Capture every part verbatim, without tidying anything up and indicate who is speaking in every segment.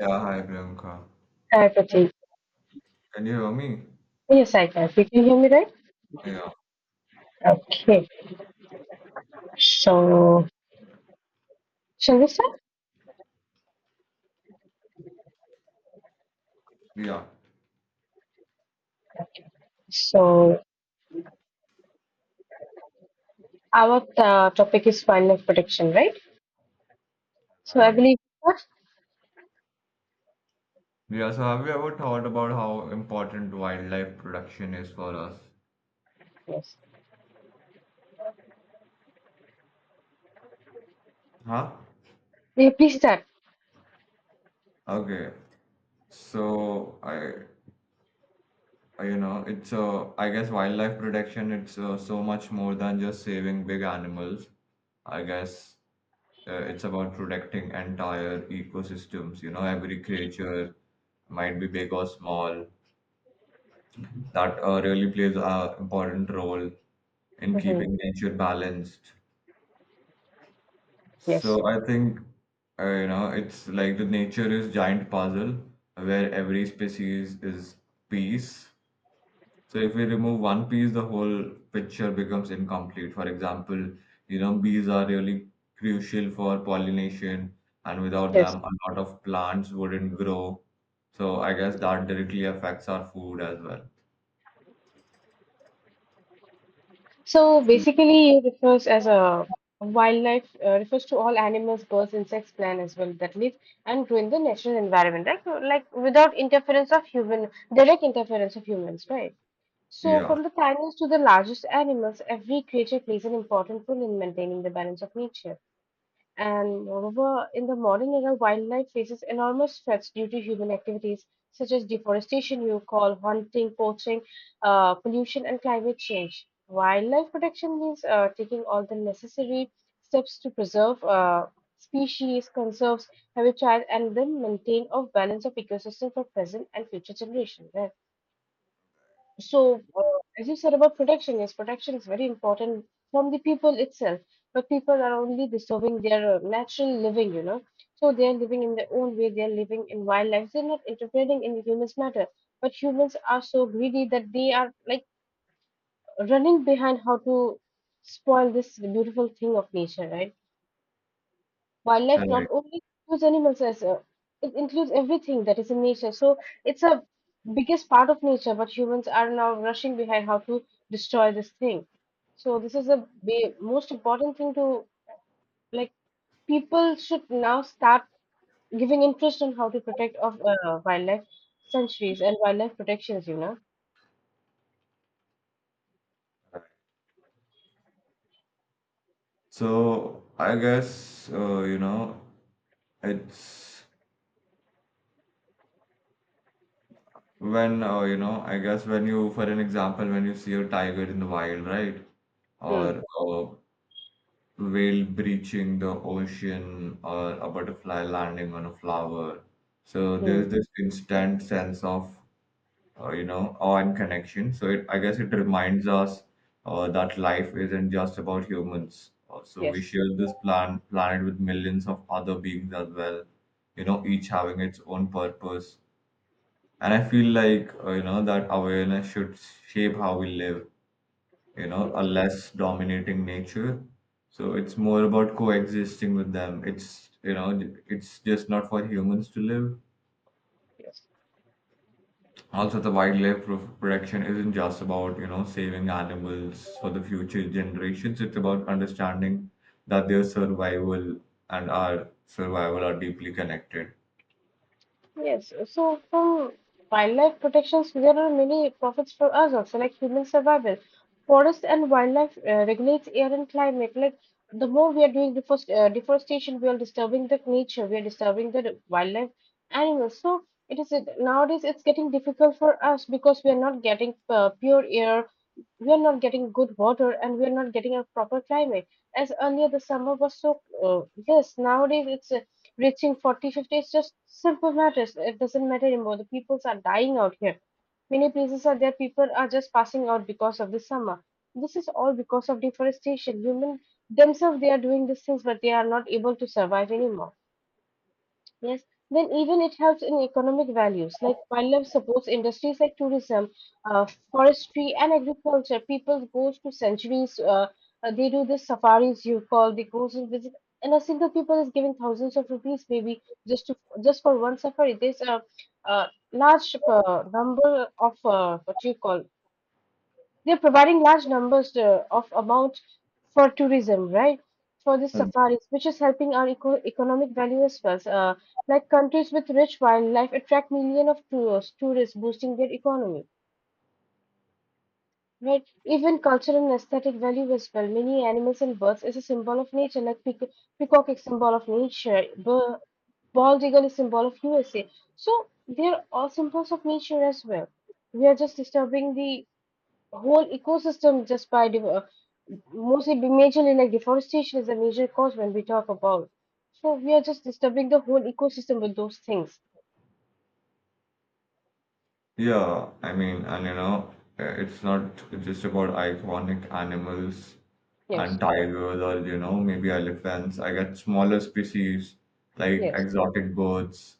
Speaker 1: Yeah, hi Priyanka.
Speaker 2: Psychiatric.
Speaker 1: Can you hear me?
Speaker 2: Yes, I Can you can hear me right?
Speaker 1: Yeah,
Speaker 2: Okay. So, shall we start?
Speaker 1: yeah.
Speaker 2: So, our uh, topic is wildlife protection, right? So, I
Speaker 1: Hi.
Speaker 2: believe.
Speaker 1: Yeah, so have you ever thought about how important wildlife production is for us?
Speaker 2: Yes.
Speaker 1: Huh?
Speaker 2: Yeah, please start.
Speaker 1: Okay. So I, I- you know, it's uh, I guess wildlife protection. It's uh, so much more than just saving big animals. I guess uh, it's about protecting entire ecosystems. You know, every creature, might be big or small, that uh, really plays a important role in
Speaker 2: Hmm.
Speaker 1: keeping nature balanced.
Speaker 2: Yes.
Speaker 1: So I think uh, you know it's like the nature is giant puzzle where every species is piece. So if we remove one piece, the whole picture becomes incomplete. For example, you know bees are really crucial for pollination, and without
Speaker 2: Yes.
Speaker 1: them, a lot of plants wouldn't grow. So I guess that directly affects our food as well.
Speaker 2: So, basically, it refers as a wildlife, uh, refers to all animals, birds, insects, plant as well that live and grow in the natural environment, right? So, Like without interference of human, direct interference of humans, right? So,
Speaker 1: Yeah,
Speaker 2: from the tiniest to the largest animals, every creature plays an important role in maintaining the balance of nature. And moreover, in the modern era, wildlife faces enormous threats due to human activities such as deforestation, you call, hunting, poaching, uh, pollution, and climate change. Wildlife protection means uh, taking all the necessary steps to preserve uh, species, conserves habitat, and then maintain a balance of ecosystem for present and future generations. right? So, uh, as you said about protection, yes, protection is very important from the people itself. But people are only disturbing their uh, natural living, you know. So they are living in their own way. They are living in wildlife. They're not interfering in the humans' matter. But humans are so greedy that they are like running behind how to spoil this beautiful thing of nature, right? Wildlife
Speaker 1: right.
Speaker 2: not only includes animals as a, it includes everything that is in nature. So it's a biggest part of nature, but humans are now rushing behind how to destroy this thing. So this is the ba- most important thing to, like, people should now start giving interest on how to protect of uh, wildlife sanctuaries and wildlife protections, you know.
Speaker 1: So I guess uh, you know it's when uh, you know I guess when you for an example when you see a tiger in the wild, right,
Speaker 2: Hmm.
Speaker 1: or a whale breaching the ocean or a butterfly landing on a flower, so
Speaker 2: Hmm.
Speaker 1: there's this instant sense of uh, you know on connection. So it, i guess it reminds us uh, that life isn't just about humans. Uh, so we
Speaker 2: Yes.
Speaker 1: share this plan, planet with millions of other beings as well, you know, each having its own purpose. And I feel like uh, you know that awareness should shape how we live, you know, a
Speaker 2: Yes.
Speaker 1: less dominating nature. So it's more about coexisting with them. It's you know it's just not for humans to live.
Speaker 2: Yes.
Speaker 1: Also, the wildlife pro- protection isn't just about, you know, saving animals for the future generations. It's about understanding that their survival and our survival are deeply connected.
Speaker 2: Yes, so from wildlife protections, there are many profits for us also, like human survival. Forest and wildlife uh, regulates air and climate. Like the more we are doing deforest, uh, deforestation, we are disturbing the nature, we are disturbing the wildlife animals. So it is nowadays it's getting difficult for us because we are not getting uh, pure air, we are not getting good water, and we are not getting a proper climate as earlier. The summer was so, uh, yes, nowadays it's, uh, reaching forty, fifty. It's just simple matters, it doesn't matter anymore. The peoples are dying out here, many places are there, people are just passing out because of the summer. This is all because of deforestation. Human themselves, they are doing these things, but they are not able to survive anymore. Yes, then even it helps in economic values, like wildlife supports industries like tourism, uh, forestry, and agriculture. People goes to centuries, uh, uh, they do the safaris, you call, they goes and visit, and a single people is giving thousands of rupees maybe just to just for one safari. There's a, uh large uh, number of, uh, what you call, they're providing large numbers uh, of amount for tourism, right? For the
Speaker 1: Mm.
Speaker 2: safaris, which is helping our eco economic value as well. So, Uh, like countries with rich wildlife attract million of tourists, tourists boosting their economy, right? Even cultural and aesthetic value as well. Many animals and birds is a symbol of nature, like peac- peacock is symbol of nature, bir- bald eagle is symbol of U S A. So they're all symbols of nature as well. We are just disturbing the a whole ecosystem just by div- uh, mostly be majorly, like deforestation is a major cause when we talk about. So we are just disturbing the whole ecosystem with those things.
Speaker 1: Yeah, I mean, and you know, uh, it's not just about iconic animals
Speaker 2: Yes,
Speaker 1: and tigers or, you know, maybe elephants. I get smaller species like
Speaker 2: yes,
Speaker 1: exotic birds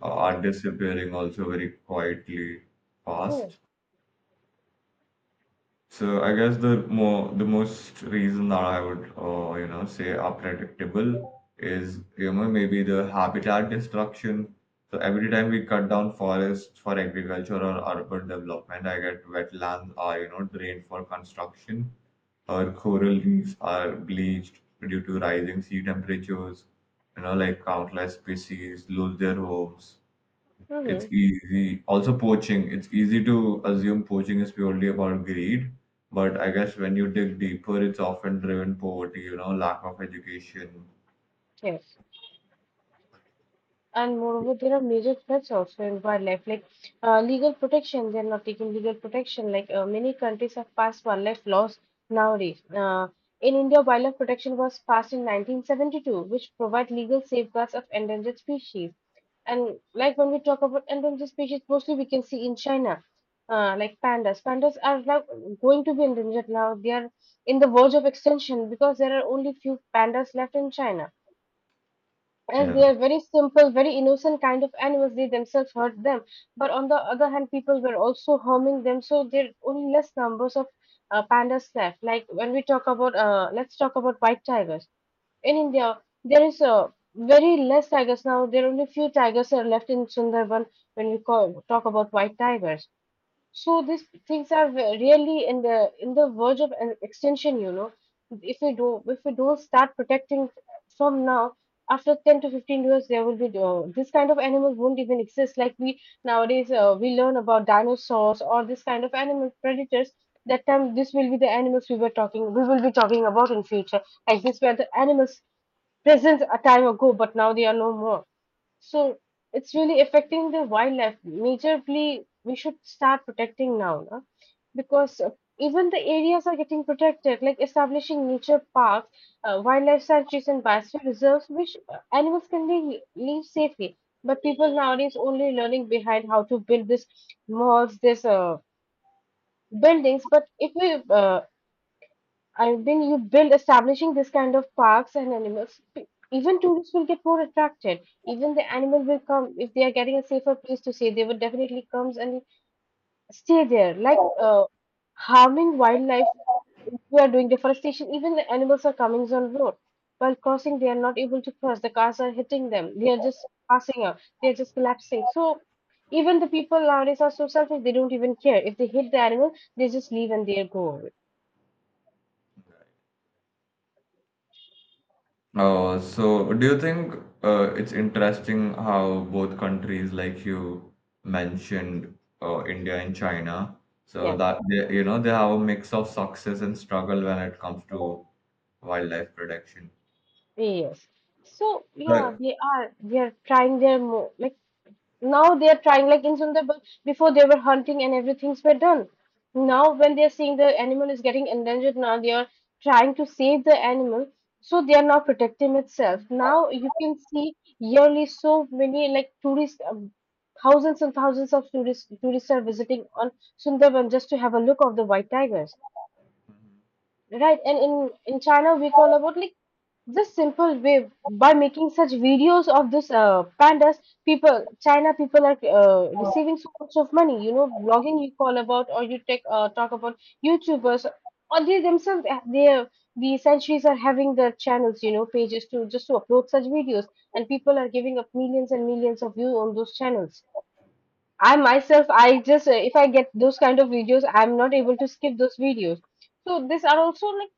Speaker 1: uh,
Speaker 2: yes,
Speaker 1: are disappearing also very quietly
Speaker 2: yes.
Speaker 1: fast. So I guess the more the most reason that I would uh, you know say are predictable is, you know, maybe the habitat destruction. So every time we cut down forests for agriculture or urban development, I get wetlands are, you know, drained for construction or coral reefs are bleached due to rising sea temperatures. You know, like countless species lose their homes, it's
Speaker 2: Mm-hmm.
Speaker 1: easy. Also, poaching. It's easy to assume poaching is purely about greed, but I guess when you dig deeper, it's often driven poverty, you know, lack of education.
Speaker 2: Yes. And moreover, there are major threats also in wildlife, like uh, legal protection, they're not taking legal protection. Like, uh, many countries have passed wildlife laws nowadays. Uh, in india, wildlife protection was passed in nineteen seventy-two, which provide legal safeguards of endangered species. And like, when we talk about endangered species, mostly we can see in China. Uh, like pandas, pandas are now going to be endangered, now they are in the verge of extinction because there are only few pandas left in China, as they
Speaker 1: Yeah.
Speaker 2: are very simple, very innocent kind of animals, they themselves hurt them. But on the other hand, people were also harming them, so there are only less numbers of uh, pandas left. Like when we talk about, uh, let's talk about white tigers. In India, there is uh, very less tigers now. There are only few tigers are left in Sundarban when we call, talk about white tigers. So these things are ve- really in the in the verge of an extinction, you know. If we do if we don't start protecting from now, after ten to fifteen years, there will be uh, this kind of animals won't even exist. Like we nowadays, uh, we learn about dinosaurs or this kind of animal predators. That time, this will be the animals we were talking we will be talking about in future. Like these were the animals present a time ago, but now they are no more. So it's really affecting the wildlife majorly. We should start protecting now, no? Because uh, even the areas are getting protected, like establishing nature parks, uh, wildlife sanctuaries, and biosphere reserves, which uh, animals can be live safely. But people nowadays only learning behind how to build this malls, this uh, buildings. But if we, uh, I've been you build establishing this kind of parks and animals. pe- Even tourists will get more attracted. Even the animal will come if they are getting a safer place to stay. They will definitely comes and stay there. Like, uh, harming wildlife, we are doing deforestation. Even the animals are coming on road while crossing. They are not able to cross. The cars are hitting them. They are just passing out. They are just collapsing. So even the people nowadays are so selfish. They don't even care if they hit the animal. They just leave and they go away.
Speaker 1: Uh, so do you think uh, it's interesting how both countries, like you mentioned, uh, India and China, so
Speaker 2: Yeah.
Speaker 1: that they, you know, they have a mix of success and struggle when it comes to wildlife protection.
Speaker 2: Yes. So yeah,
Speaker 1: Right.
Speaker 2: they are they are trying their more, like now they are trying, like in Sundarbans before, they were hunting and everything's were done. Now when they are seeing the animal is getting endangered, now they are trying to save the animal. So they are now protecting itself. Now you can see yearly so many like tourists, um, thousands and thousands of tourists tourists are visiting on Sundarban just to have a look of the white tigers. Right, and in in China we call about like this simple way by making such videos of this uh, pandas. People, China people are uh, receiving so much of money. You know, blogging you call about, or you take, uh, talk about YouTubers. Or they themselves, uh, they are- the centuries are having their channels, you know, pages to just to upload such videos, and people are giving up millions and millions of views on those channels. I myself, I just uh, if I get those kind of videos, I'm not able to skip those videos. So these are also like,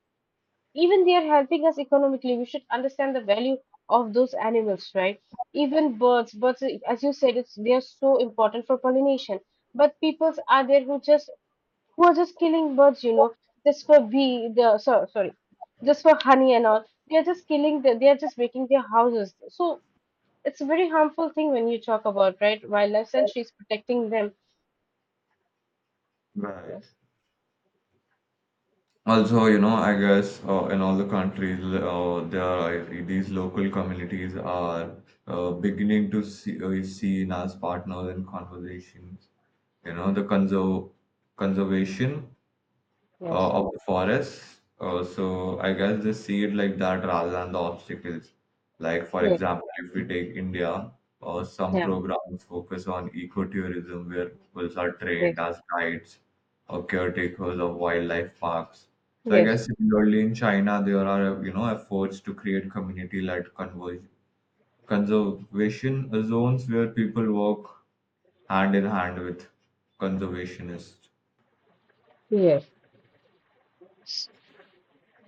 Speaker 2: even they are helping us economically, we should understand the value of those animals, right? Even birds, birds as you said, it's they are so important for pollination. But peoples are there who just who are just killing birds, you know, just for bee the, so, sorry, just for honey and all, they are just killing the, they are just making their houses. So it's a very harmful thing when you talk about. Right, wildlife sanctuaries, protecting them.
Speaker 1: Right.
Speaker 2: Yes.
Speaker 1: Also, you know, I guess uh, in all the countries, uh, there are like, these local communities are uh, beginning to see uh, seen as partners in conversations. You know, the conserv conservation
Speaker 2: Yes.
Speaker 1: uh, of the forest. Uh, so I guess they see it like that rather than the obstacles. Like for
Speaker 2: Yes.
Speaker 1: example, if we take India, uh, some
Speaker 2: Yeah.
Speaker 1: programs focus on ecotourism where people are
Speaker 2: Yes.
Speaker 1: trained as guides or caretakers of wildlife parks. So I
Speaker 2: Yes.
Speaker 1: guess similarly in China, there are, you know, efforts to create community-led conver- conservation zones where people work hand in hand with conservationists.
Speaker 2: Yes.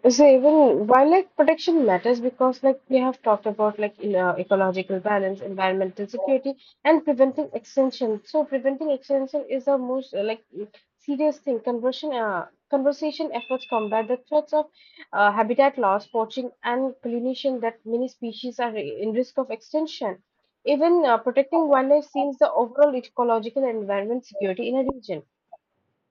Speaker 2: So even wildlife protection matters because, like we have talked about, like in, uh, ecological balance, environmental security, and preventing extinction. So preventing extinction is the most, uh, like, serious thing. Conversion uh, Conversation efforts combat the threats of uh, habitat loss, poaching, and pollination that many species are in risk of extinction. Even uh, protecting wildlife seems the overall ecological and environment security in a region.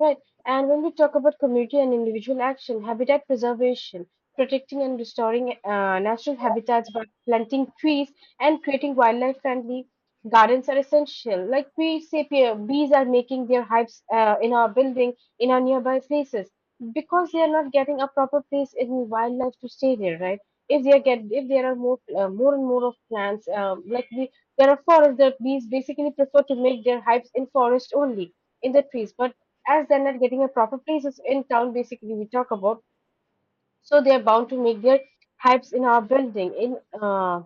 Speaker 2: Right. And when we talk about community and individual action, habitat preservation, protecting and restoring uh, natural habitats by planting trees and creating wildlife friendly gardens are essential. Like we say, pe- bees are making their hives uh, in our building, in our nearby places, because they are not getting a proper place in wildlife to stay there, right? If they are get, if there are more, uh, more and more of plants, um, like we, there are forests, the bees basically prefer to make their hives in forest only, in the trees. But as they're not getting a proper places in town, basically we talk about, so they're bound to make their hypes in our building, in uh,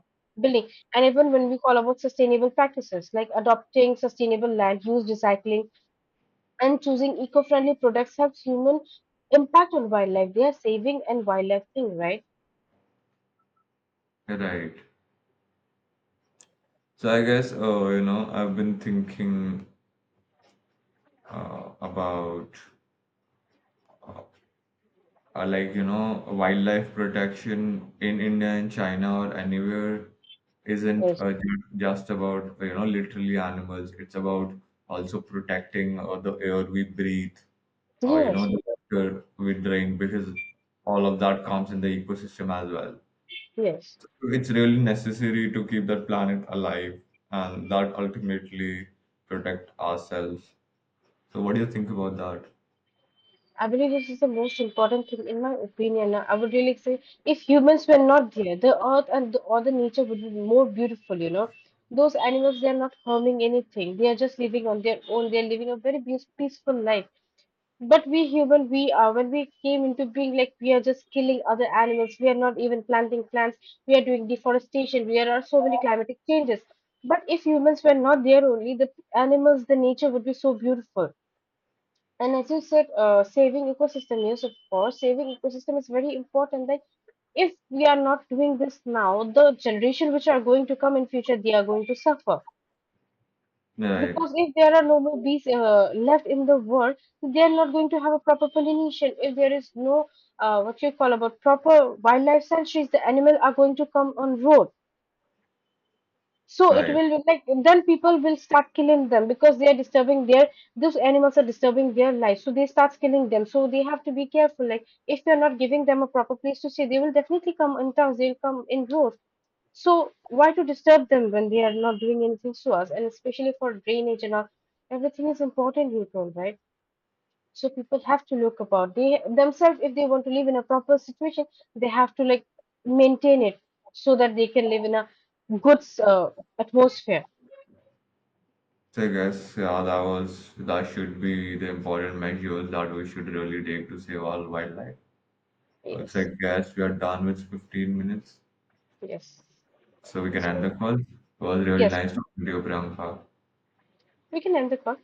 Speaker 2: building. And even when we call about sustainable practices like adopting sustainable land use, recycling, and choosing eco-friendly products, have human impact on wildlife, they are saving and wildlife thing, right?
Speaker 1: Right. So I guess uh, you know I've been thinking uh, about uh, uh, like you know wildlife protection in India and China or anywhere isn't
Speaker 2: Yes.
Speaker 1: uh, ju- just about, you know, literally animals. It's about also protecting uh, the air we breathe or, you know,
Speaker 2: Yes.
Speaker 1: the water we drink, because all of that comes in the ecosystem as well.
Speaker 2: Yes.
Speaker 1: So it's really necessary to keep the planet alive and that ultimately protect ourselves. So what do you think about that?
Speaker 2: I believe this is the most important thing, in my opinion. I would really say if humans were not there, the earth and the, or the nature would be more beautiful, you know. Those animals, they are not harming anything. They are just living on their own. They are living a very peace- peaceful life. But we human, we are, when we came into being, like we are just killing other animals. We are not even planting plants. We are doing deforestation. We are so many climatic changes. But if humans were not there only, the animals, the nature would be so beautiful. And as you said, uh, saving ecosystem, yes, of course, saving ecosystem is very important. That if we are not doing this now, the generation which are going to come in future, they are going to suffer.
Speaker 1: Right,
Speaker 2: Because if there are no more bees uh, left in the world, they are not going to have a proper pollination. If there is no, uh, what you call, about proper wildlife sanctuaries, the animal are going to come on road, so it
Speaker 1: right.
Speaker 2: will be like then people will start killing them because they are disturbing their, those animals are disturbing their life, so they start killing them. So they have to be careful. Like, if you're not giving them a proper place to stay, they will definitely come in towns, they'll come in rows. So why to disturb them when they are not doing anything to us? And especially for drainage and all, everything is important, you told, right? So people have to look about they themselves, if they want to live in a proper situation, they have to, like, maintain it so that they can live in a good, uh, atmosphere.
Speaker 1: So I guess yeah, that was that should be the important measures that we should really take to save our wildlife. Uh, So I
Speaker 2: Yes,
Speaker 1: guess we are done with fifteen minutes,
Speaker 2: yes,
Speaker 1: so we
Speaker 2: okay,
Speaker 1: can end
Speaker 2: so
Speaker 1: the call. It was really
Speaker 2: yes,
Speaker 1: nice talking to you, Priyanka.
Speaker 2: we can end the call.